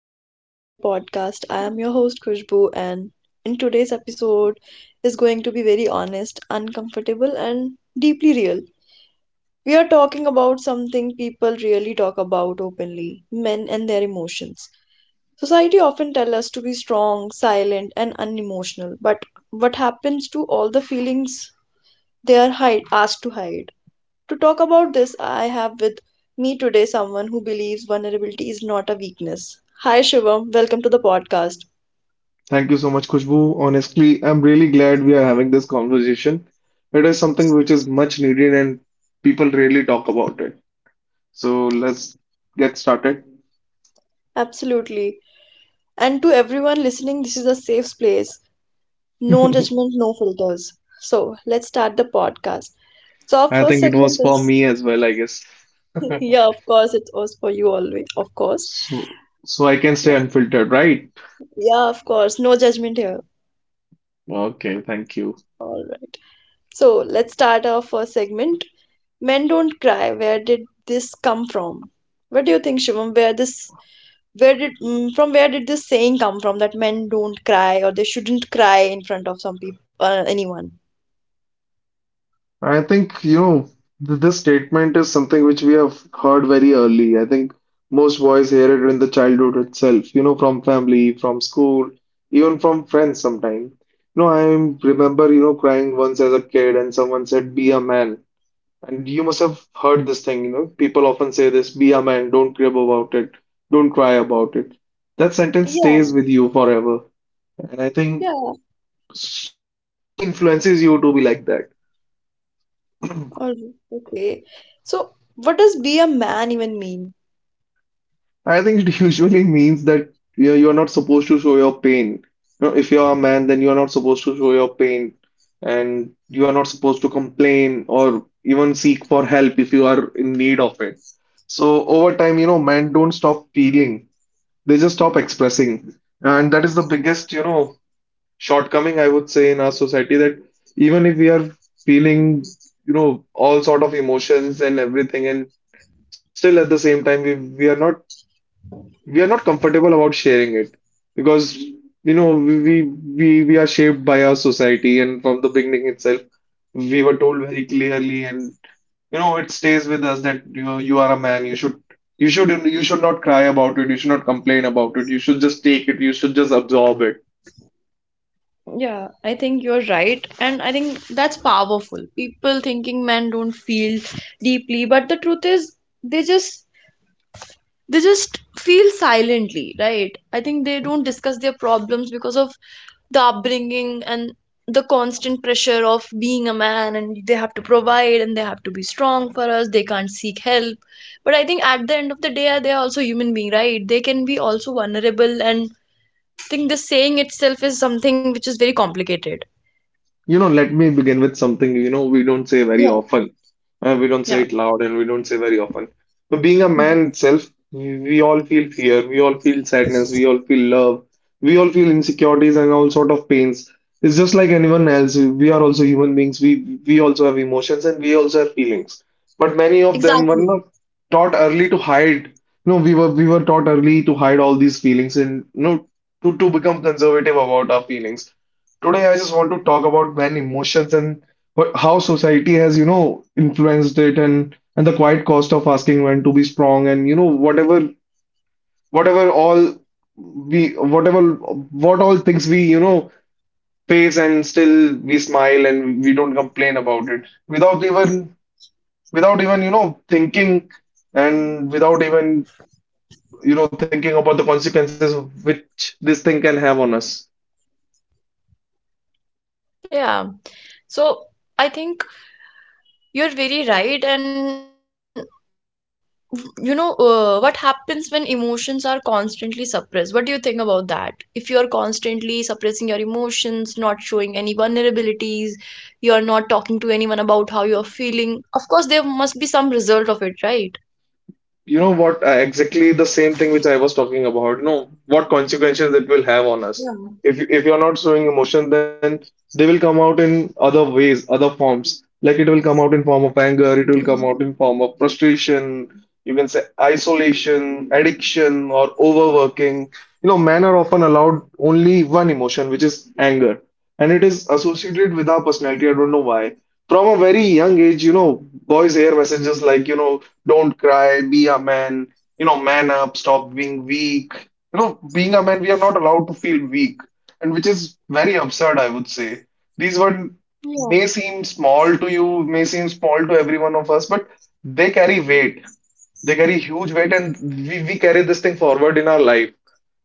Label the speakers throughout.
Speaker 1: welcome back to the podcast. I am your host Khushbu, and in today's episode is going to be very honest, uncomfortable, and deeply real. We are talking about something people really talk about openly men and their emotions. Society often tell us to be strong, silent, and unemotional, but what happens to all the feelings they are asked to hide? To talk about this, I have with me today someone who believes vulnerability is not a weakness. Hi, Shivam. Welcome to the podcast.
Speaker 2: Thank you so much, Khushbu. Honestly, I'm really glad we are having this conversation. It is something which is much needed and people really talk about it. So let's get started.
Speaker 1: Absolutely. And to everyone listening, this is a safe space.
Speaker 2: I
Speaker 1: No judgment, no filters. So, let's start the podcast. So, our first
Speaker 2: think it was
Speaker 1: segment
Speaker 2: for
Speaker 1: is
Speaker 2: me as well, I guess.
Speaker 1: yeah, of course, it was for you always, of course.
Speaker 2: So I can stay unfiltered, right?
Speaker 1: Yeah, of course, no judgment here.
Speaker 2: Okay, thank you.
Speaker 1: All right. So let's start our first segment. Men don't cry. Where did this come from? What do you think, Shivam? Where this, where did, mm, from where did this saying come from that men don't cry or they shouldn't cry in front of some people, anyone?
Speaker 2: I think, this statement is something which we have heard very early. I think most boys hear it in the childhood itself, from family, from school, even from friends sometimes. I remember, crying once as a kid and someone said, be a man. And you must have heard this thing, people often say this, be a man, don't crib about it, don't cry about it. That sentence
Speaker 1: Yeah,
Speaker 2: stays with you forever. And I think
Speaker 1: yeah.
Speaker 2: society influences you to be like that.
Speaker 1: All right. Okay. So what does be a man even mean?
Speaker 2: I think it usually means that you're not supposed to show your pain. If you're a man, then you're not supposed to show your pain, and you are not supposed to complain or even seek for help if you are in need of it. So over time, men don't stop feeling. They just stop expressing. And that is the biggest, shortcoming I would say in our society, that even if we are feeling, all sort of emotions and everything, and still at the same time, we are not comfortable about sharing it, because we are shaped by our society, and from the beginning itself we were told very clearly, and it stays with us that you are a man. You should not cry about it, you should not complain about it, you should just take it, you should just absorb it.
Speaker 1: Yeah, I think you're right, and I think that's powerful. People thinking men don't feel deeply, but the truth is they just they just feel silently, right? I think they don't discuss their problems because of the upbringing and the constant pressure of being a man, and they have to provide and they have to be strong for us, they can't seek help. But I think at the end of the day, they are also human being, right? They can be also vulnerable. And I think the saying itself is something which is very complicated.
Speaker 2: Let me begin with something, we don't say very often. We don't say it
Speaker 1: Yeah.
Speaker 2: loud and we don't say very often. So, being a man
Speaker 1: Hmm.
Speaker 2: itself, we all feel fear, we all feel sadness, we all feel love, we all feel insecurities and all sort of pains. It's just like anyone else. We are also human beings. We also have emotions, and we also have feelings. But many of them were not
Speaker 1: Exactly.
Speaker 2: taught early to hide. No, we were taught early to hide all these feelings, and no to become conservative about our feelings. Today, I just want to talk about when emotions and how society has, influenced it, and the quiet cost of asking when to be strong, and whatever all we whatever what all things we face, and still we smile and we don't complain about it, without even thinking, and without even thinking about the consequences which this thing can have on us.
Speaker 1: Yeah. So I think you're very right. And what happens when emotions are constantly suppressed? What do you think about that? If you're constantly suppressing your emotions, not showing any vulnerabilities, you're not talking to anyone about how you're feeling, of course, there must be some result of it, right?
Speaker 2: You know what? Exactly the same thing which I was talking about. You know what consequences it will have on us. If
Speaker 1: Yeah.
Speaker 2: you are not showing emotion, then they will come out in other ways, other forms. Like it will come out in form of anger. It will come out in
Speaker 1: Yeah.
Speaker 2: form of frustration. You can say isolation, addiction, or overworking. Men are often allowed only one emotion, which is anger, and it is associated with our personality. I don't know why from a very young age, boys hear messages like, don't cry, be a man, man up, stop being weak. Being a man, we are not allowed to feel weak, and which is very absurd, I would say. These words may
Speaker 1: Yeah.
Speaker 2: seem small to you, may seem small to every one of us, but they carry weight. They carry huge weight, and we carry this thing forward in our life.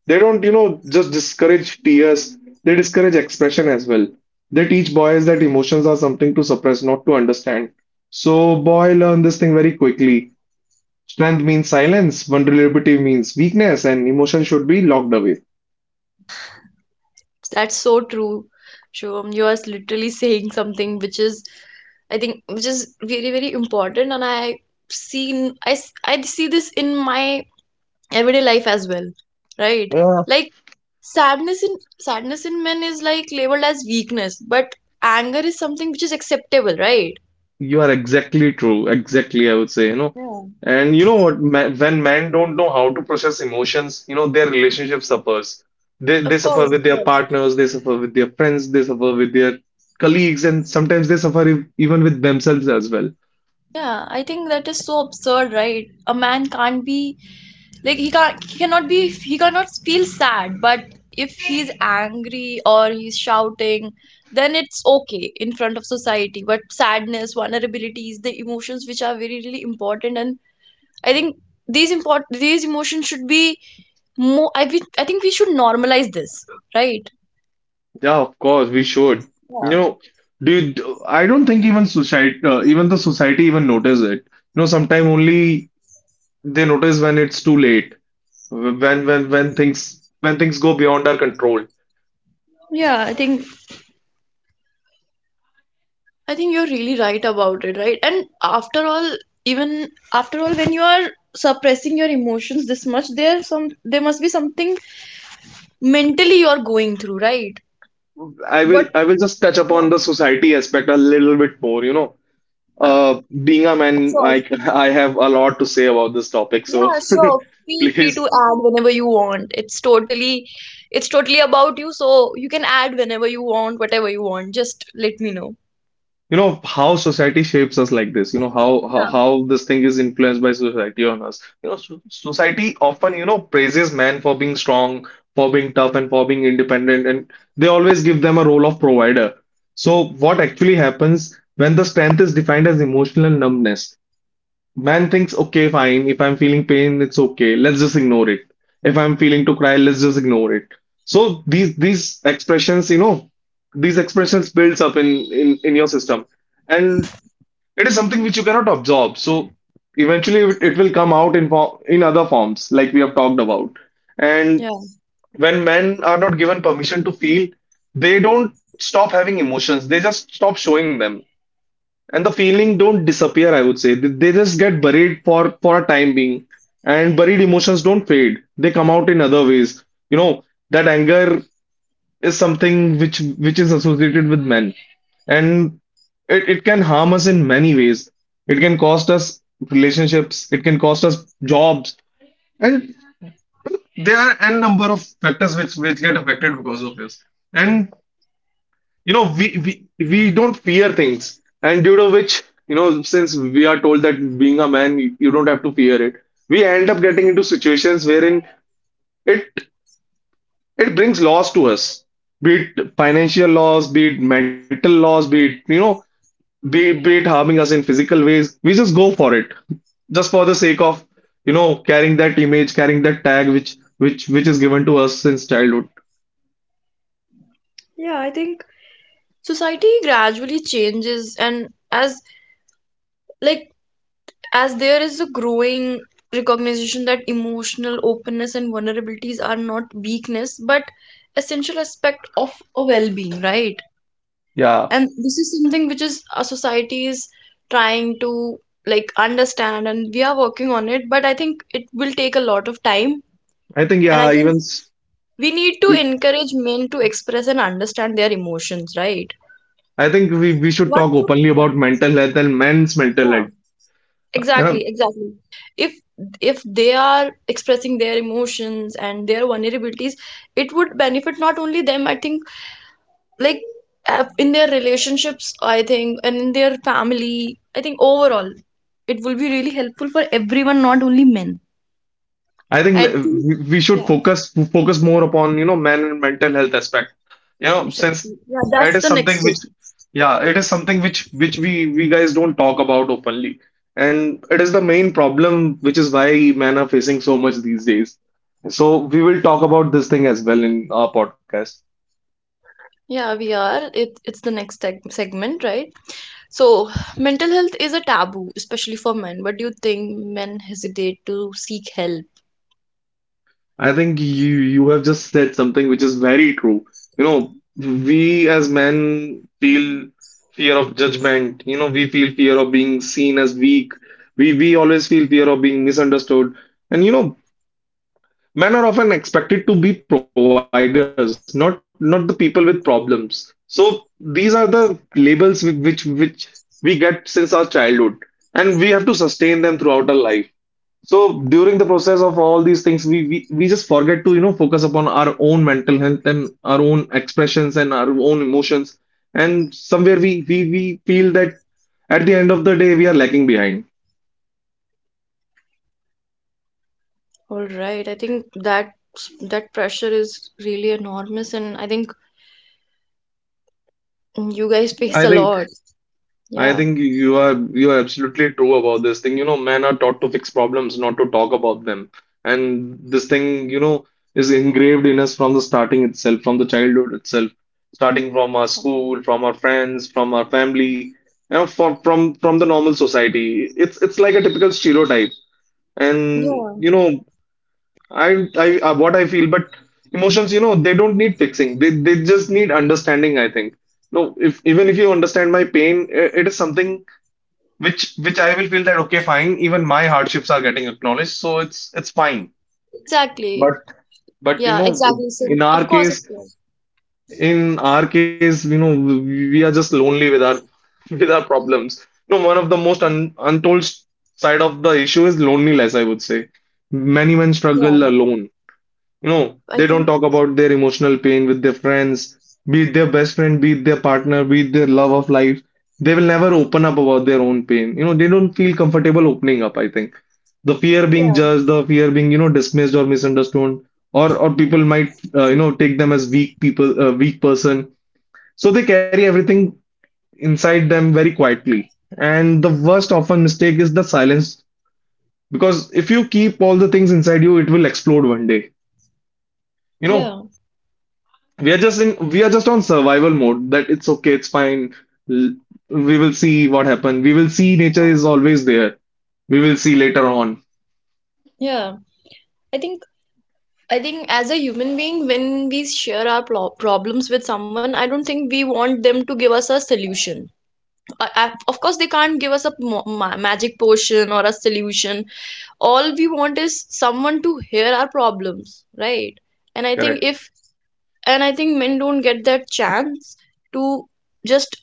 Speaker 2: They don't, just discourage tears, they discourage expression as well. They teach boys that emotions are something to suppress, not to understand. So, boy learn this thing very quickly. Strength means silence, vulnerability means weakness, and emotion should be locked away.
Speaker 1: That's so true, Shivam. You are literally saying something which is, I think, which is very, very important. And I see this in my everyday life as well, right? Like sadness in men is like labeled as weakness, but anger is something which is acceptable, right?
Speaker 2: You are exactly true. Exactly, I would say.
Speaker 1: Yeah.
Speaker 2: And you know what? When men don't know how to process emotions, their relationship suffers. They
Speaker 1: Of
Speaker 2: suffer
Speaker 1: course, of
Speaker 2: with their
Speaker 1: course.
Speaker 2: partners, they suffer with their friends, they suffer with their colleagues, and sometimes they suffer even with themselves as well.
Speaker 1: Yeah, I think that is so absurd, right? A man can't be like he can't he cannot be he cannot feel sad, but if he's angry or he's shouting, then it's okay in front of society. But sadness, vulnerabilities, the emotions which are very really important, and I think these emotions should be more. I think we should normalize this, right?
Speaker 2: Yeah, of course, we should. You
Speaker 1: Yeah,
Speaker 2: know, Dude, I don't think even society, even the society even notice it. Sometimes only they notice when it's too late, when things go beyond our control.
Speaker 1: yeah. I think you're really right about it, right? And after all, even after all, when you are suppressing your emotions this much, there must be something mentally you're going through, right?
Speaker 2: I will
Speaker 1: But
Speaker 2: I will just touch
Speaker 1: yeah,
Speaker 2: upon the society aspect a little bit more.
Speaker 1: uh,
Speaker 2: Being a man,
Speaker 1: sure.
Speaker 2: I I have a lot to say about this topic,
Speaker 1: Yeah,
Speaker 2: so
Speaker 1: sure. Feel free to
Speaker 2: please,
Speaker 1: add whenever you want. It's totally about you, so you can add whenever you want, whatever you want. Just let me know.
Speaker 2: how society shapes us like this, you know, how how,
Speaker 1: Yeah.
Speaker 2: how this thing is influenced by society on us. So society often, praises men for being strong, for being tough, and for being independent, and they always give them a role of provider. So what actually happens when the strength is defined as emotional numbness? Man thinks, okay, fine. If I'm feeling pain, it's okay. Let's just ignore it. If I'm feeling to cry, let's just ignore it. So these expressions builds up in your system, and it is something which you cannot absorb. So eventually, it will come out in form in other forms, like we have talked about. And
Speaker 1: Yeah.
Speaker 2: when men are not given permission to feel, they don't stop having emotions. They just stop showing them, and the feeling don't disappear, I would say. They just get buried for a time being, and buried emotions don't fade. They come out in other ways, you know that anger is something which is associated with men, and it can harm us in many ways. It can cost us relationships, it can cost us jobs, and there are n number of factors which get affected because of this. And you know we, we don't fear things, and due to which, since we are told that being a man, you don't have to fear it, we end up getting into situations wherein it it brings loss to us, be it financial loss, be it mental loss, be it you know be it harming us in physical ways, we just go for it, just for the sake of carrying that image, carrying that tag which is given to us since childhood.
Speaker 1: Yeah, I think society gradually changes, and like as there is a growing recognition that emotional openness and vulnerabilities are not weakness but essential aspect of a well-being, right?
Speaker 2: Yeah,
Speaker 1: And this is something which is our society is trying to like understand, and we are working on it, but I think it will take a lot of time.
Speaker 2: I think
Speaker 1: And I
Speaker 2: yeah
Speaker 1: think
Speaker 2: even s-
Speaker 1: we need to encourage men to express and understand their emotions, right?
Speaker 2: I think we should
Speaker 1: What
Speaker 2: talk
Speaker 1: would,
Speaker 2: openly
Speaker 1: yeah,
Speaker 2: about mental health and men's mental
Speaker 1: yeah.
Speaker 2: health. You know,
Speaker 1: Exactly, exactly. If if they are expressing their emotions and their vulnerabilities, it would benefit not only them, I think, like in their relationships, I think, and in their family, I think overall, it will be really helpful for everyone, not only men.
Speaker 2: I think
Speaker 1: I think,
Speaker 2: we should
Speaker 1: yeah,
Speaker 2: focus more upon, men and mental health aspect. Since
Speaker 1: exactly. Yeah, that's
Speaker 2: it is
Speaker 1: the next
Speaker 2: something which,
Speaker 1: step.
Speaker 2: yeah, it is something which we guys don't talk about openly, and it is the main problem, which is why men are facing so much these days. So we will talk about this thing as well in our podcast.
Speaker 1: Yeah, we are. It's the next segment, right? So, mental health is a taboo, especially for men. But do you think men hesitate to seek help?
Speaker 2: I think you have just said something which is very true. We as men feel fear of judgment. We feel fear of being seen as weak. We always feel fear of being misunderstood. And men are often expected to be providers, not the people with problems. So these are the labels which we get since our childhood, and we have to sustain them throughout our life. So during the process of all these things, we just forget to focus upon our own mental health and our own expressions and our own emotions, and somewhere we feel that at the end of the day we are lagging behind.
Speaker 1: All right. I think that that pressure is really enormous, and I think you guys face
Speaker 2: I
Speaker 1: a
Speaker 2: think
Speaker 1: lot.
Speaker 2: I
Speaker 1: Yeah.
Speaker 2: think you are absolutely true about this thing. Men are taught to fix problems, not to talk about them. And this thing, is engraved in us from the starting itself, from the childhood itself, starting from our school, from our friends, from our family, from from the normal society. It's like a typical stereotype. And
Speaker 1: Yeah.
Speaker 2: I what I feel, but emotions, they don't need fixing. They just need understanding, I think. No, if even if you understand my pain, it is something which I will feel that okay, fine, even my hardships are getting acknowledged, so it's fine. But
Speaker 1: Exactly.
Speaker 2: but you
Speaker 1: Yeah.
Speaker 2: know,
Speaker 1: Exactly. So,
Speaker 2: in
Speaker 1: of
Speaker 2: our
Speaker 1: course, of
Speaker 2: case,
Speaker 1: course.
Speaker 2: we are just lonely with our with our problems. No one of the most untold side of the issue is loneliness, I would say. Many men
Speaker 1: Yeah.
Speaker 2: struggle alone, you know,
Speaker 1: I
Speaker 2: they don't
Speaker 1: think.
Speaker 2: talk about their emotional pain with their friends, be it their best friend, be it their partner, be it their love of life. They will never open up about their own pain. You know, they don't feel comfortable opening up, I think. The fear being
Speaker 1: Yeah.
Speaker 2: judged, the fear being, you know, dismissed or misunderstood, or people might, you know, take them as weak people, weak person. So they carry everything inside them very quietly. And the worst often mistake is the silence because if you keep all the things inside you, it will explode one day. You know,
Speaker 1: Yeah.
Speaker 2: We are just on survival mode that it's okay, it's fine. L- We will see what happens. We will see nature is always there. We will see later on.
Speaker 1: Yeah. I think. I think as a human being, when we share our problems with someone, I don't think we want them to give us a solution. Of course, they can't give us a magic potion or a solution. All we want is someone to hear our problems, right? and i think
Speaker 2: Correct.
Speaker 1: if and I think men don't get that chance to just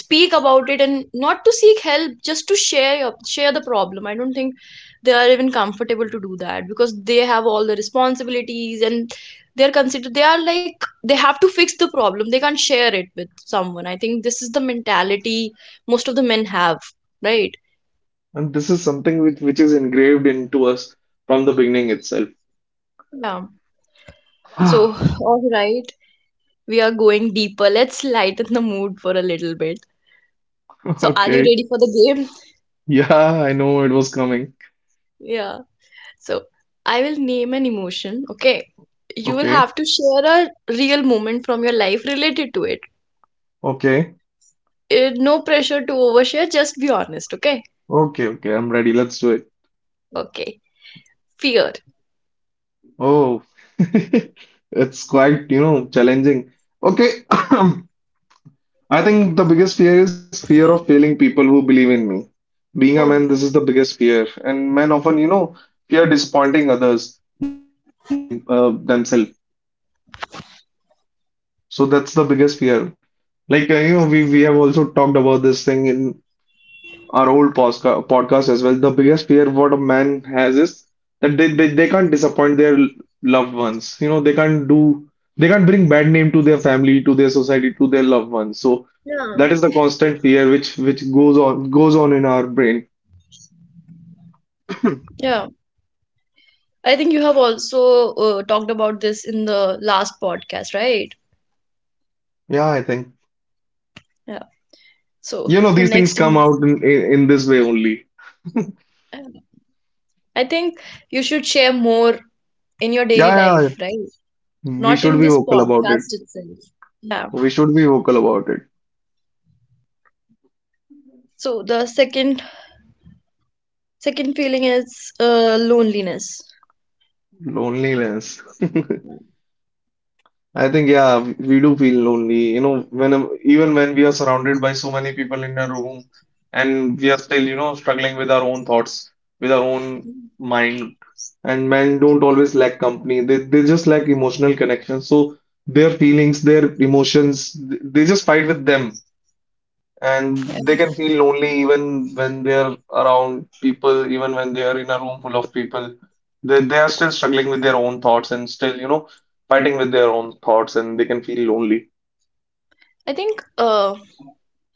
Speaker 1: speak about it and not to seek help, just to share your, share the problem. I don't think they are even comfortable to do that because they have all the responsibilities and they're considered, they are like they have to fix the problem, they can't share it with someone. I think this is the mentality most of the men have, right?
Speaker 2: And this is something which is engraved into us from the beginning itself.
Speaker 1: Yeah. So all right, we are going deeper. Let's lighten the mood for a little bit. So, are you
Speaker 2: Okay.
Speaker 1: ready for the game?
Speaker 2: Yeah, I know it was coming.
Speaker 1: Yeah. So, I will name an emotion, okay? You will
Speaker 2: Okay.
Speaker 1: have to share a real moment from your life related to it.
Speaker 2: Okay.
Speaker 1: Eh, no pressure to overshare, just be honest, okay?
Speaker 2: Okay. Okay. I'm ready. Let's do it.
Speaker 1: Okay. Fear.
Speaker 2: Oh, it's quite, you know, challenging. Okay. I think the biggest fear is fear of failing people who believe in me. Being a man,
Speaker 1: Oh,
Speaker 2: this is the biggest fear, and men often, you know, fear disappointing others more than failing them, themselves. So that's the biggest fear. Like you know, we have also talked about this thing in our old podcast as well. The biggest fear what a man has is that they can't disappoint their loved ones. You know, they can't bring bad name to their family, to their society, to their loved ones. So
Speaker 1: yeah.
Speaker 2: that is the constant fear which goes on in our brain.
Speaker 1: Yeah. I think you have also talked about this in the last podcast, right?
Speaker 2: Yeah, I think
Speaker 1: Yeah. So,
Speaker 2: you know
Speaker 1: the
Speaker 2: these things
Speaker 1: next.
Speaker 2: come out in in this way only.
Speaker 1: I think you should share more in your daily
Speaker 2: Yeah, yeah,
Speaker 1: life, right?
Speaker 2: yeah. We
Speaker 1: Not
Speaker 2: should
Speaker 1: in
Speaker 2: be
Speaker 1: this
Speaker 2: vocal about it.
Speaker 1: podcast itself. Yeah.
Speaker 2: We should be vocal about it.
Speaker 1: So the second feeling is loneliness.
Speaker 2: Loneliness. I think yeah, we do feel lonely. You know, when even when we are surrounded by so many people in a room, and we are still, you know, struggling with our own thoughts, with our own mind. And men don't always lack company. They just lack emotional connection. So their feelings, their emotions, they just fight with them, and they can feel lonely even when they're around people, even when they are in a room full of people. They are still struggling with their own thoughts and still, you know, fighting with their own thoughts, and they can feel lonely.
Speaker 1: I think uh,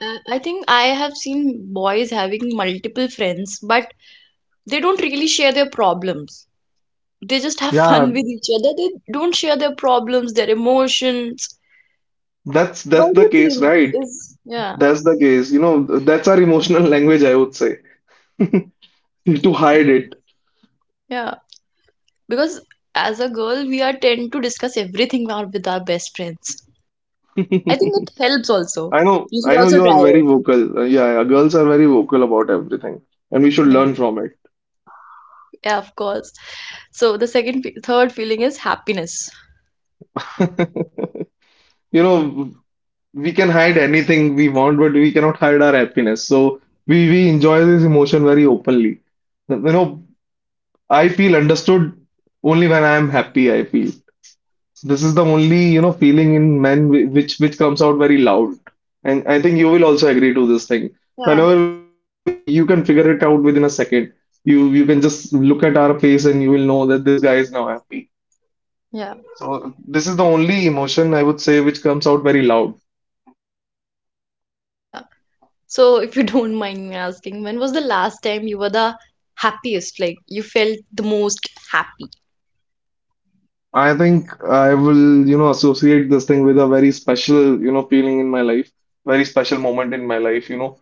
Speaker 1: I I think I have seen boys having multiple friends, but they don't really share their problems. They just have
Speaker 2: Yeah,
Speaker 1: fun with each other. They don't share their problems, their emotions.
Speaker 2: that's
Speaker 1: Why do
Speaker 2: the
Speaker 1: you
Speaker 2: case,
Speaker 1: think
Speaker 2: right?
Speaker 1: is Yeah,
Speaker 2: That's the case. You know, that's our emotional language, I would say, to hide it.
Speaker 1: yeah. Because as a girl, we are tend to discuss everything out with our best friends. I think it helps also. You
Speaker 2: I
Speaker 1: should
Speaker 2: know
Speaker 1: also
Speaker 2: you are
Speaker 1: try
Speaker 2: very
Speaker 1: it.
Speaker 2: vocal. Yeah, yeah,
Speaker 1: Yeah.
Speaker 2: girls are very vocal about everything, and we should
Speaker 1: Yeah.
Speaker 2: learn from it.
Speaker 1: Yeah, of course. So the third feeling is happiness.
Speaker 2: You know, we can hide anything we want, but we cannot hide our happiness. So we enjoy this emotion very openly. You know, I feel understood only when I am happy, I feel. This is the only, you know, feeling in men which comes out very loud. And I think you will also agree to this thing.
Speaker 1: Yeah,
Speaker 2: Whenever we guys are happy, you can figure it out within a second. You can just look at our face and you will know that this guy is now happy.
Speaker 1: yeah,
Speaker 2: So this is the only emotion I would say which comes out very loud.
Speaker 1: yeah. So if you don't mind me asking, when was the last time you were the happiest? Like you felt the most happy?
Speaker 2: I think I will, you know, associate this thing with a very special, you know, feeling in my life, very special moment in my life, you know.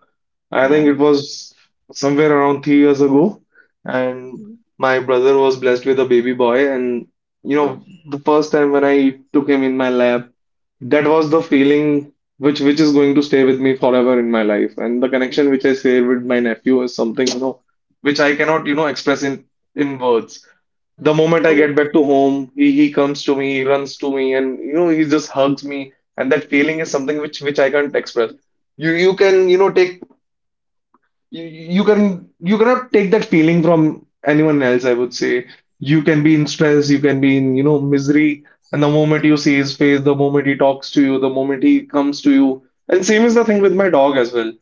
Speaker 2: I think
Speaker 1: Yeah.
Speaker 2: it was somewhere around 3 years ago, and
Speaker 1: Mm.
Speaker 2: my brother was blessed with a baby boy, and you
Speaker 1: Oh,
Speaker 2: know, the first time when I took him in my lap, that was the feeling which is going to stay with me forever in my life, and the connection which I share with my nephew is something, you know, which I cannot, you know, express in words. The moment I get
Speaker 1: oh.
Speaker 2: back to home, he comes to me, he runs to me, and you know, he just hugs me. And that feeling is something which I can't express. You can, you know, take you cannot take that feeling from anyone else, I would say. You can be in stress, you can be in, you know, misery, and the moment you see his face, the moment he talks to you, the moment he comes to you. And same is the thing with my dog as well.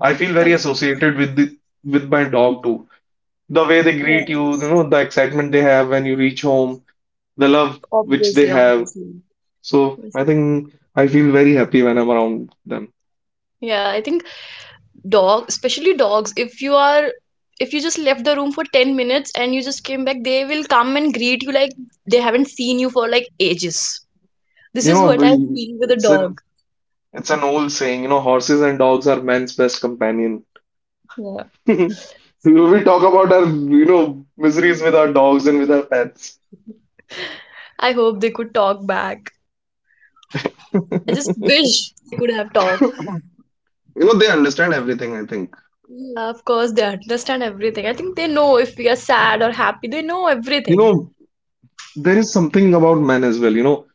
Speaker 2: I feel
Speaker 1: Yeah,
Speaker 2: very associated with the with my dog too. The way they
Speaker 1: yeah.
Speaker 2: greet you, you know, the excitement they have when you reach home, the love which they
Speaker 1: Obviously,
Speaker 2: have.
Speaker 1: obviously,
Speaker 2: So I
Speaker 1: obviously.
Speaker 2: think I feel very happy when I'm around them.
Speaker 1: Yeah, I think dog, especially dogs, if you are, if you just left the room for 10 minutes and you just came back, they will come and greet you like they haven't seen you for like ages.
Speaker 2: You
Speaker 1: This is
Speaker 2: know,
Speaker 1: what I feel with a dog.
Speaker 2: it's an old saying, you know, horses and dogs are man's best companion.
Speaker 1: Yeah.
Speaker 2: We will talk about our, you know, miseries with our dogs and with our pets.
Speaker 1: I hope they could talk back. I just wish they could have talked.
Speaker 2: You know, they understand everything, I think.
Speaker 1: Yeah, of course, they understand everything. I think they know if we are sad or happy. They know
Speaker 2: You
Speaker 1: everything.
Speaker 2: know, there is something about men as well, you know.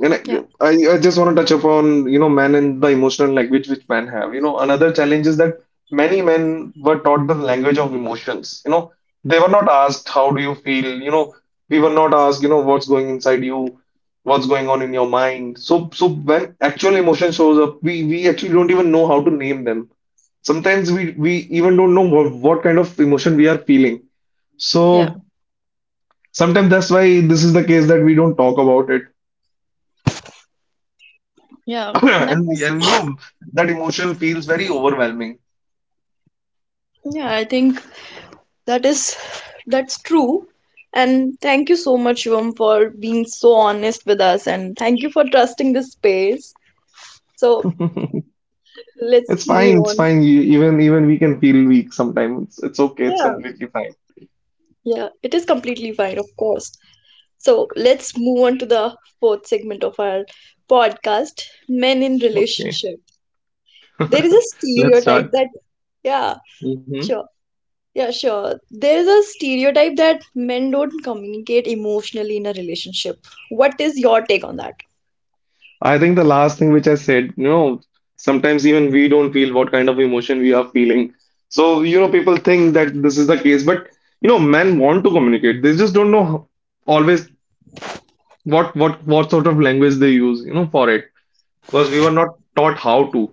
Speaker 2: And
Speaker 1: Yeah,
Speaker 2: I just want to touch upon, you know, men and the emotional language which men have. You know, another challenge is that many men were taught the language of emotions. You know, they were not asked, how do you feel? You know, we were not asked, you know, what's going inside you, what's going on in your mind. So, so when actual emotion shows up, we actually don't even know how to name them. Sometimes we even don't know what kind of emotion we are feeling.
Speaker 1: yeah.
Speaker 2: So sometimes that's why this is the case that we don't talk about it.
Speaker 1: Yeah,
Speaker 2: And
Speaker 1: that was,
Speaker 2: and you know that emotion feels very overwhelming.
Speaker 1: yeah, I think that is, that's true. And thank you so much, Shivam, for being so honest with us. And thank you for trusting this space. So
Speaker 2: It's
Speaker 1: let's
Speaker 2: fine,
Speaker 1: move
Speaker 2: it's
Speaker 1: on.
Speaker 2: fine. You, even we can feel weak sometimes. It's okay. It's
Speaker 1: Yeah,
Speaker 2: completely fine.
Speaker 1: yeah, it is completely fine, of course. So let's move on to the fourth segment of our podcast, men in
Speaker 2: Okay.
Speaker 1: relationship. There is a
Speaker 2: Let's
Speaker 1: stereotype
Speaker 2: start.
Speaker 1: that, yeah,
Speaker 2: Hmm.
Speaker 1: sure. Yeah, sure. There is a stereotype that men don't communicate emotionally in a relationship. What is your take on that?
Speaker 2: I think the last thing which I said, you know, sometimes even we don't feel what kind of emotion we are feeling. So, you know, people think that this is the case, but you know, men want to communicate. They just don't know how- always what sort of language they use, you know, for it. Because we were not taught how to.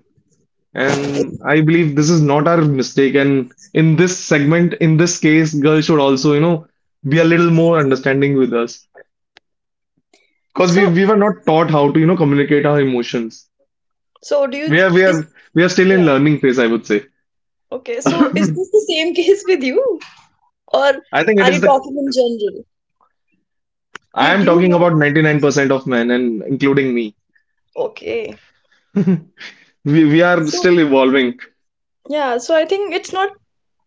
Speaker 2: And I believe this is not our mistake. And in this segment, in this case, girls should also, you know, be a little more understanding with us. Because we
Speaker 1: So,
Speaker 2: we were not taught how to, you know, communicate our emotions.
Speaker 1: so do you
Speaker 2: We are we
Speaker 1: is
Speaker 2: are we are still in
Speaker 1: Yeah.
Speaker 2: learning phase, I would say.
Speaker 1: Okay? So is
Speaker 2: I
Speaker 1: this the same case with you, or
Speaker 2: think it
Speaker 1: are
Speaker 2: is
Speaker 1: you
Speaker 2: the
Speaker 1: talking in general?
Speaker 2: I am
Speaker 1: Did
Speaker 2: talking
Speaker 1: you
Speaker 2: about
Speaker 1: have?
Speaker 2: 99% of men and including me.
Speaker 1: Okay.
Speaker 2: We are
Speaker 1: So
Speaker 2: still evolving.
Speaker 1: yeah, so I think it's not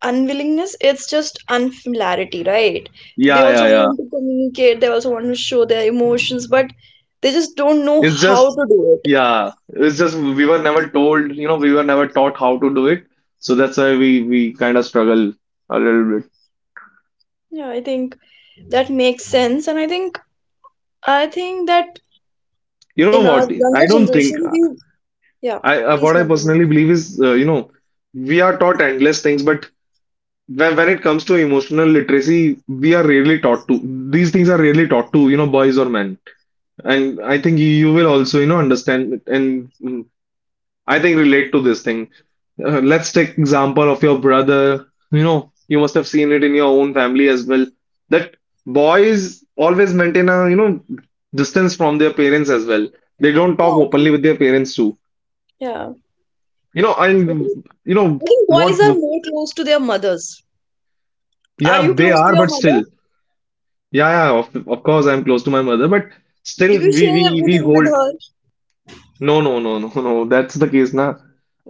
Speaker 1: unwillingness, it's just unfamiliarity, right? They
Speaker 2: Yeah, yeah,
Speaker 1: also
Speaker 2: yeah.
Speaker 1: want to communicate, they also want to show their emotions, but they just don't
Speaker 2: It's
Speaker 1: know
Speaker 2: just,
Speaker 1: how to do it.
Speaker 2: yeah, it's just we were never told, you know, we were never taught how to do it. So that's why we kind of struggle a little bit.
Speaker 1: Yeah, I think that makes sense. And I think I think that
Speaker 2: You know
Speaker 1: in our
Speaker 2: what? I
Speaker 1: younger
Speaker 2: don't think
Speaker 1: generation we yeah
Speaker 2: I
Speaker 1: please
Speaker 2: what I
Speaker 1: continue
Speaker 2: personally believe is, you know, we are taught endless things, but when it comes to emotional literacy, we are rarely taught to. These things are rarely taught to, you know, boys or men. And I think you will also, you know, understand and I think relate to this thing. Let's take example of your brother. You know, you must have seen it in your own family as well. That boys always maintain a, you know, distance from their parents as well. They don't
Speaker 1: yeah
Speaker 2: talk
Speaker 1: I
Speaker 2: openly
Speaker 1: think
Speaker 2: with their parents too.
Speaker 1: yeah
Speaker 2: You know,
Speaker 1: i
Speaker 2: and
Speaker 1: think,
Speaker 2: you know
Speaker 1: I think boys
Speaker 2: what?
Speaker 1: are more close to their mothers. Are you
Speaker 2: Yeah, they
Speaker 1: close to
Speaker 2: are,
Speaker 1: your
Speaker 2: but still,
Speaker 1: mother?
Speaker 2: yeah, yeah. Of course, I'm close to my mother, but
Speaker 1: Do
Speaker 2: still,
Speaker 1: you
Speaker 2: we
Speaker 1: share
Speaker 2: we we
Speaker 1: everything with
Speaker 2: hold.
Speaker 1: her?
Speaker 2: No, No. That's the case, na.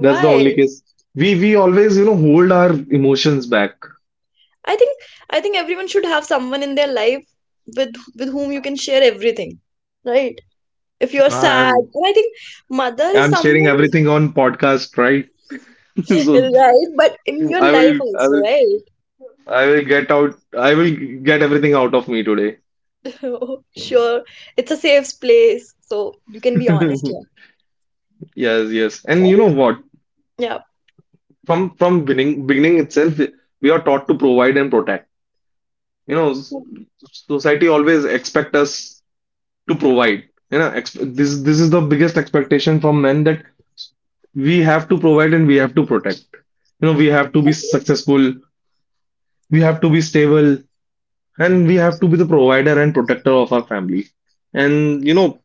Speaker 2: That's the only case. We always, you know, hold our emotions back.
Speaker 1: I think I think everyone should have someone in their life with whom you can share everything, right? If you're sad,
Speaker 2: I'm
Speaker 1: and I think mother is
Speaker 2: I'm sharing
Speaker 1: someone,
Speaker 2: everything on podcast, right? So
Speaker 1: right? But in your
Speaker 2: I
Speaker 1: life
Speaker 2: will I
Speaker 1: also,
Speaker 2: will
Speaker 1: right?
Speaker 2: I will get everything out of me today.
Speaker 1: Oh, sure, it's a safe place, so you can be honest here.
Speaker 2: Yes, yes. And
Speaker 1: So I
Speaker 2: you know
Speaker 1: think,
Speaker 2: what?
Speaker 1: yeah,
Speaker 2: From beginning itself, we are taught to provide and protect. You know, society always expect us to provide. You know, ex this is the biggest expectation from men that we have to provide and we have to protect. You know, we have to be successful, we have to be stable, and we have to be the provider and protector of our family, and you know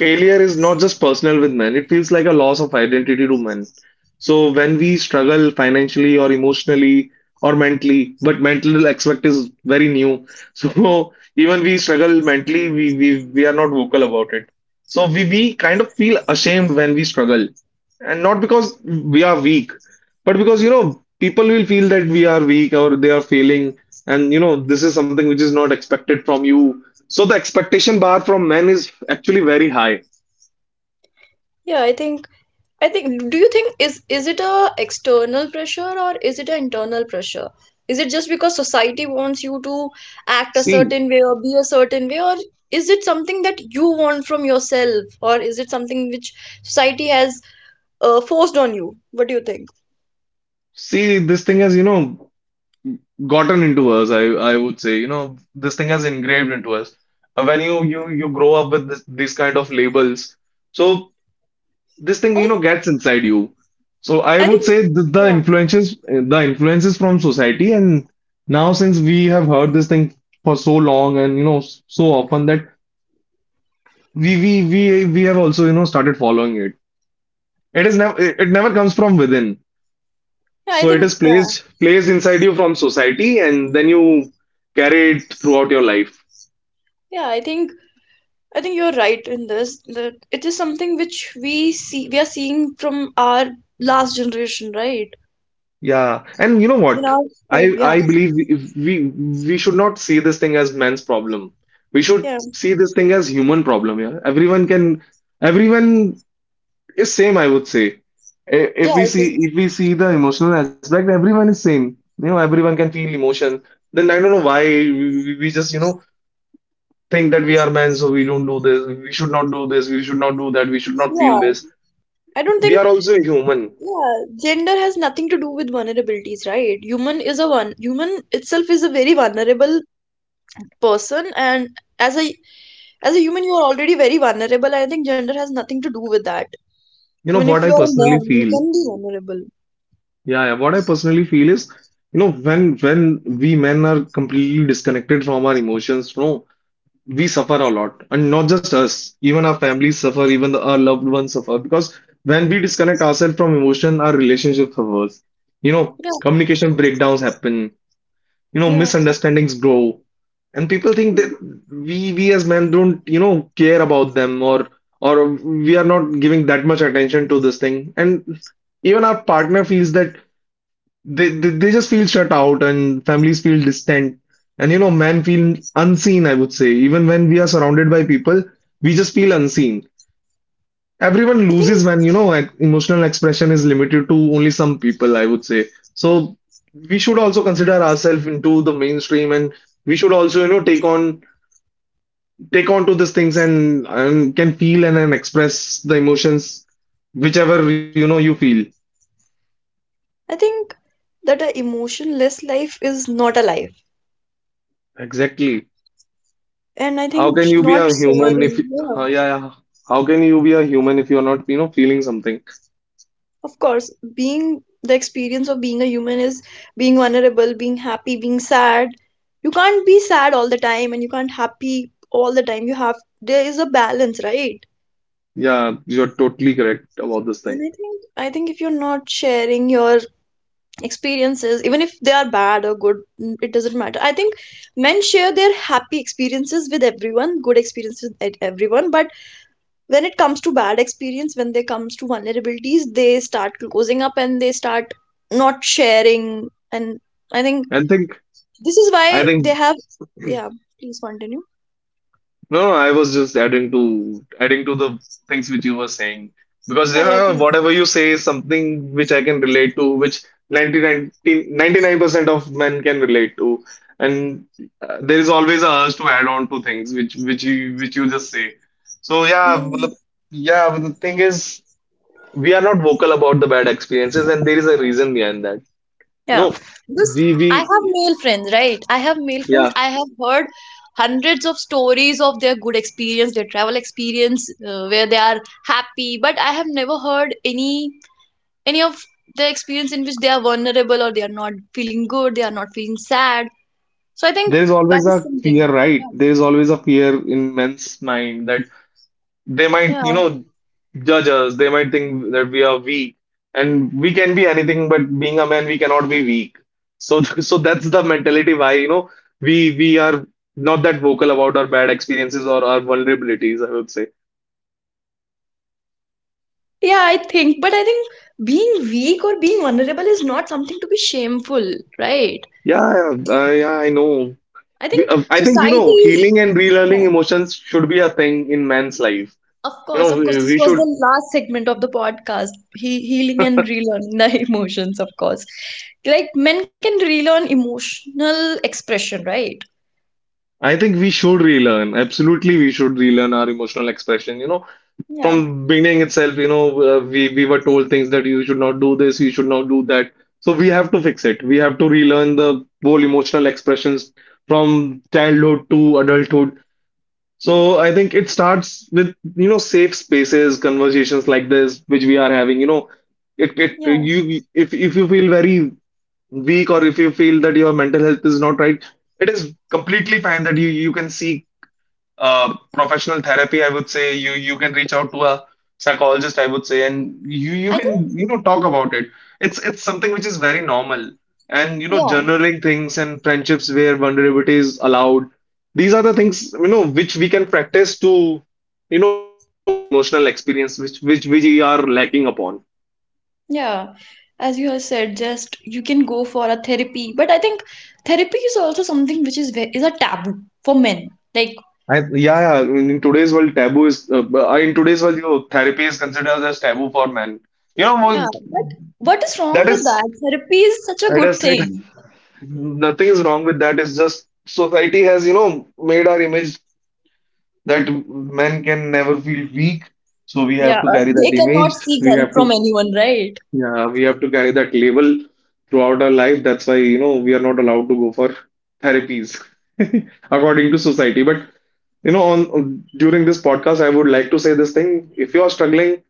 Speaker 2: failure is not just personal with men, it feels like a loss of identity to men. So when we struggle financially or emotionally or mentally, but mental aspect is very new. So even we struggle mentally, we are not vocal about it. So we kind of feel ashamed when we struggle. And not because we are weak, but because people will feel that we are weak or they are failing, and this is something which is not expected from you, so the expectation bar from men is actually very high.
Speaker 1: yeah, I think. I think, do you think is it a external pressure or is it an internal pressure? Is it just because society wants you to act a
Speaker 2: See,
Speaker 1: certain way or be a certain way, or is it something that you want from yourself, or is it something which society has forced on you? What do you think?
Speaker 2: see, this thing has, gotten into us, I would say, this thing has engraved into us. When you grow up with this, these kind of labels, so this thing,
Speaker 1: I think,
Speaker 2: gets inside you. So I
Speaker 1: I think,
Speaker 2: would say the,
Speaker 1: yeah,
Speaker 2: the influences from society, and now since we have heard this thing for so long and so often that we have also started following it. It is never it it never comes from within.
Speaker 1: yeah, I
Speaker 2: So it
Speaker 1: think,
Speaker 2: is
Speaker 1: yeah,
Speaker 2: placed inside you from society, and then you carry it throughout your life.
Speaker 1: yeah, I think you're right in this that it is something which we see, we are seeing from our last generation, right?
Speaker 2: Yeah, and you know
Speaker 1: In
Speaker 2: what?
Speaker 1: our home,
Speaker 2: I
Speaker 1: yeah,
Speaker 2: I believe if we we should not see this thing as man's problem. We should
Speaker 1: yeah,
Speaker 2: see this thing as human problem. Yeah, everyone is same. I would say,
Speaker 1: yeah, I think.
Speaker 2: if we see the emotional aspect, everyone is same. You know, everyone can feel emotion. Then I don't know why we just think that we are men, so we don't do this, we should not do this, we should not do that, we should not feel
Speaker 1: Yeah,
Speaker 2: this.
Speaker 1: I don't
Speaker 2: We
Speaker 1: think,
Speaker 2: are also human.
Speaker 1: yeah, gender has nothing to do with vulnerabilities, right? Human is a one, human itself is a very vulnerable person, and as a as a human, you are already very vulnerable. I think gender has nothing to do with that.
Speaker 2: You know
Speaker 1: Even
Speaker 2: what
Speaker 1: if you
Speaker 2: I
Speaker 1: are a
Speaker 2: personally
Speaker 1: man, you
Speaker 2: feel?
Speaker 1: can be vulnerable.
Speaker 2: Yeah, yeah. What I personally feel is, when we men are completely disconnected from our emotions, no, we suffer a lot. And not just us, even our families suffer, even our loved ones suffer. Because when we disconnect ourselves from emotion, our relationship suffers. You know,
Speaker 1: Yeah,
Speaker 2: communication breakdowns happen,
Speaker 1: yeah.
Speaker 2: misunderstandings grow, and people think that
Speaker 1: Mm.
Speaker 2: we as men don't care about them, or we are not giving that much attention to this thing, and even our partner feels that they just feel shut out, and families feel distant, and men feel unseen, I would say. Even when we are surrounded by people, we just feel unseen.
Speaker 1: I
Speaker 2: Everyone
Speaker 1: think
Speaker 2: loses when, like, emotional expression is limited to only some people, I would say. So we should also consider ourselves into the mainstream, and we should also take on to these things, and can feel, and express the emotions whichever you feel.
Speaker 1: I think that a emotionless life is not a life,
Speaker 2: Exactly.
Speaker 1: and I
Speaker 2: how
Speaker 1: think
Speaker 2: can you be
Speaker 1: not
Speaker 2: a human if
Speaker 1: sharing. Yeah.
Speaker 2: yeah, yeah, how can you be a human if you're not feeling something?
Speaker 1: Of course, being the experience of being a human is being vulnerable, being happy, being sad. You can't be sad all the time and you can't happy all the time. You have there is a balance, right?
Speaker 2: Yeah, you're totally correct about this
Speaker 1: And
Speaker 2: thing.
Speaker 1: I think if you're not sharing your experiences, even if they are bad or good, mm, it doesn't matter. I think men share their happy experiences with everyone, good experiences with everyone, but when it comes to bad experience, when they comes to vulnerabilities, they start closing up and they start not sharing. And I think
Speaker 2: I think
Speaker 1: this is
Speaker 2: I
Speaker 1: why
Speaker 2: think
Speaker 1: they have yeah, please continue.
Speaker 2: No, no, I was just adding to the things which you were saying, because
Speaker 1: Yeah, yeah,
Speaker 2: yeah,
Speaker 1: please.
Speaker 2: whatever you say is something which I can relate to, which ninety nine percent of men can relate to, and there is always a urge to add on to things which you just say. So yeah,
Speaker 1: Mm.
Speaker 2: yeah, but the thing is, we are not vocal about the bad experiences, and there is a reason behind that.
Speaker 1: Yeah,
Speaker 2: No,
Speaker 1: because I
Speaker 2: we
Speaker 1: have male friends, right? I have male friends.
Speaker 2: yeah.
Speaker 1: I have heard hundreds of stories of their good experience, their travel experience, where they are happy. But I have never heard any of the experience in which they are vulnerable or they are not feeling good, they are not feeling sad. So I think
Speaker 2: There is
Speaker 1: that
Speaker 2: always
Speaker 1: is
Speaker 2: a
Speaker 1: something.
Speaker 2: fear, right?
Speaker 1: Yeah.
Speaker 2: There is always a fear in men's mind that they might,
Speaker 1: Yeah.
Speaker 2: you know, judge us. They might think that we are weak, and we can be anything, but being a man, we cannot be weak. So, so that's the mentality why, we are not that vocal about our bad experiences or our vulnerabilities, I would say.
Speaker 1: Yeah, I think. But I think being weak or being vulnerable is not something to be shameful, right?
Speaker 2: Yeah, yeah, yeah, I know.
Speaker 1: I think
Speaker 2: I think,
Speaker 1: society is.
Speaker 2: healing and relearning
Speaker 1: Yeah.
Speaker 2: emotions should be a thing in man's life.
Speaker 1: Of
Speaker 2: You
Speaker 1: course,
Speaker 2: know,
Speaker 1: of course.
Speaker 2: we, we
Speaker 1: This was
Speaker 2: should,
Speaker 1: the last segment of the podcast. He healing and relearning the emotions, of course. Like men can relearn emotional expression, right?
Speaker 2: I think we should relearn. Absolutely, we should relearn our emotional expression.
Speaker 1: Yeah.
Speaker 2: From beginning itself, we were told things that you should not do this, you should not do that. So we have to fix it. We have to relearn the whole emotional expressions from childhood to adulthood. So I think it starts with, you know, safe spaces, conversations like this, which we are having. It it
Speaker 1: Yeah.
Speaker 2: you if you feel very weak, or if you feel that your mental health is not right, it is completely fine that you can seek professional therapy, I would say. You can reach out to a psychologist, I would say, and you
Speaker 1: I think.
Speaker 2: can talk about it. It's something which is very normal, and
Speaker 1: Yeah.
Speaker 2: journaling things and friendships where vulnerability is allowed. These are the things, which we can practice to relearn the emotional experience which we are lacking upon.
Speaker 1: Yeah, as you have said, just you can go for a therapy, but I think therapy is also something which is a taboo for men. Like,
Speaker 2: Yeah, yeah. In today's world, taboo is in today's world, you know, therapy is considered as taboo for men.
Speaker 1: yeah,
Speaker 2: Well,
Speaker 1: but what is wrong
Speaker 2: that
Speaker 1: with
Speaker 2: is
Speaker 1: that? Therapy is such a
Speaker 2: that is
Speaker 1: good
Speaker 2: it.
Speaker 1: thing.
Speaker 2: Nothing is wrong with that. It's just society has, made our image that men can never feel weak. So we
Speaker 1: Yeah,
Speaker 2: have to carry that
Speaker 1: they
Speaker 2: image.
Speaker 1: cannot seek
Speaker 2: We
Speaker 1: help
Speaker 2: have
Speaker 1: from
Speaker 2: to,
Speaker 1: anyone, right?
Speaker 2: yeah, we have to carry that label throughout our life. That's why, we are not allowed to go for therapies according to society. But, you know, on during this podcast, I would like to say this thing. If you are struggling,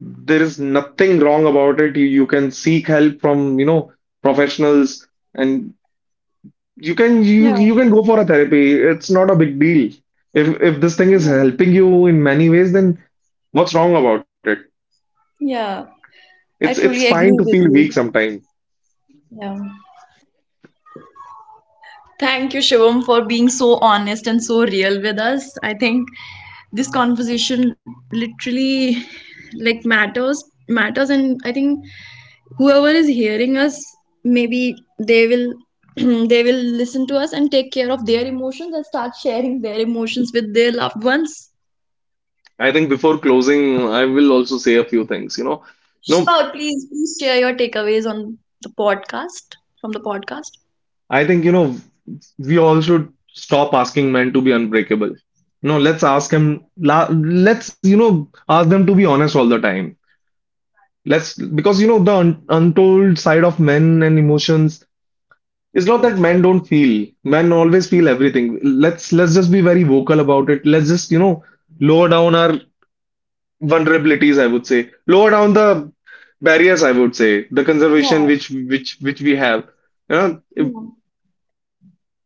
Speaker 2: there is nothing wrong about it. You can seek help from, professionals, and you can you
Speaker 1: Yeah,
Speaker 2: you can go for a therapy. It's not a big deal. If this thing is
Speaker 1: yeah,
Speaker 2: helping you in many ways, then what's wrong about it?
Speaker 1: yeah.
Speaker 2: It's
Speaker 1: I
Speaker 2: it's
Speaker 1: truly
Speaker 2: fine to
Speaker 1: agree
Speaker 2: feel
Speaker 1: with
Speaker 2: weak
Speaker 1: you.
Speaker 2: sometime.
Speaker 1: Yeah. Thank you, Shivam, for being so honest and so real with us. I think this conversation literally like matters. And I think whoever is hearing us, maybe they will they will listen to us and take care of their emotions and start sharing their emotions with their loved ones.
Speaker 2: I think before closing, I will also say a few things. No,
Speaker 1: Sure, please, please share your takeaways on the podcast from the podcast.
Speaker 2: I think, we all should stop asking men to be unbreakable. No, let's ask them to be honest all the time. Because, the un untold side of men and emotions. It's not that men don't feel. Men always feel everything. Let's just be very vocal about it. Let's just, lower down our vulnerabilities, I would say. Lower down the barriers, I would say. The conservation
Speaker 1: Yeah.
Speaker 2: which we have. You know, if-
Speaker 1: Yeah.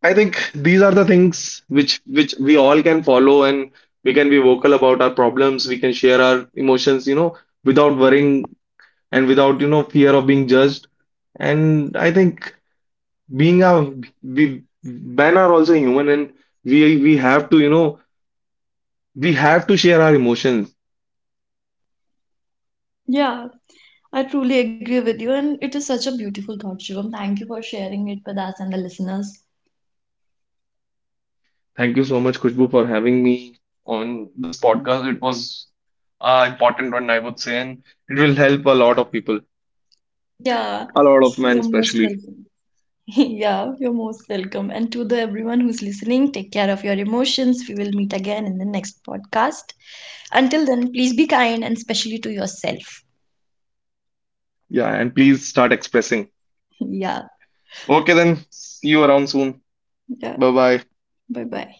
Speaker 2: I think these are the things which we all can follow, and we can be vocal about our problems. We can share our emotions, without worrying and without, fear of being judged. And I think being a we men are also human, and we we have to you know we have to share our emotions.
Speaker 1: Yeah. I truly agree with you, and it is such a beautiful thought, Shivam. Thank you for sharing it with us and the listeners.
Speaker 2: Thank you so much, Khushbu, for having me on this podcast. It was important one, I would say, and it will help a lot of people,
Speaker 1: Yeah,
Speaker 2: a lot of men
Speaker 1: you're most
Speaker 2: especially.
Speaker 1: welcome. Yeah, you're most welcome. And to the everyone who's listening, take care of your emotions. We will meet again in the next podcast. Until then, please be kind and especially to yourself.
Speaker 2: Yeah, and please start expressing.
Speaker 1: Yeah,
Speaker 2: Okay, then see you around soon.
Speaker 1: yeah.
Speaker 2: Bye bye.
Speaker 1: Bye bye.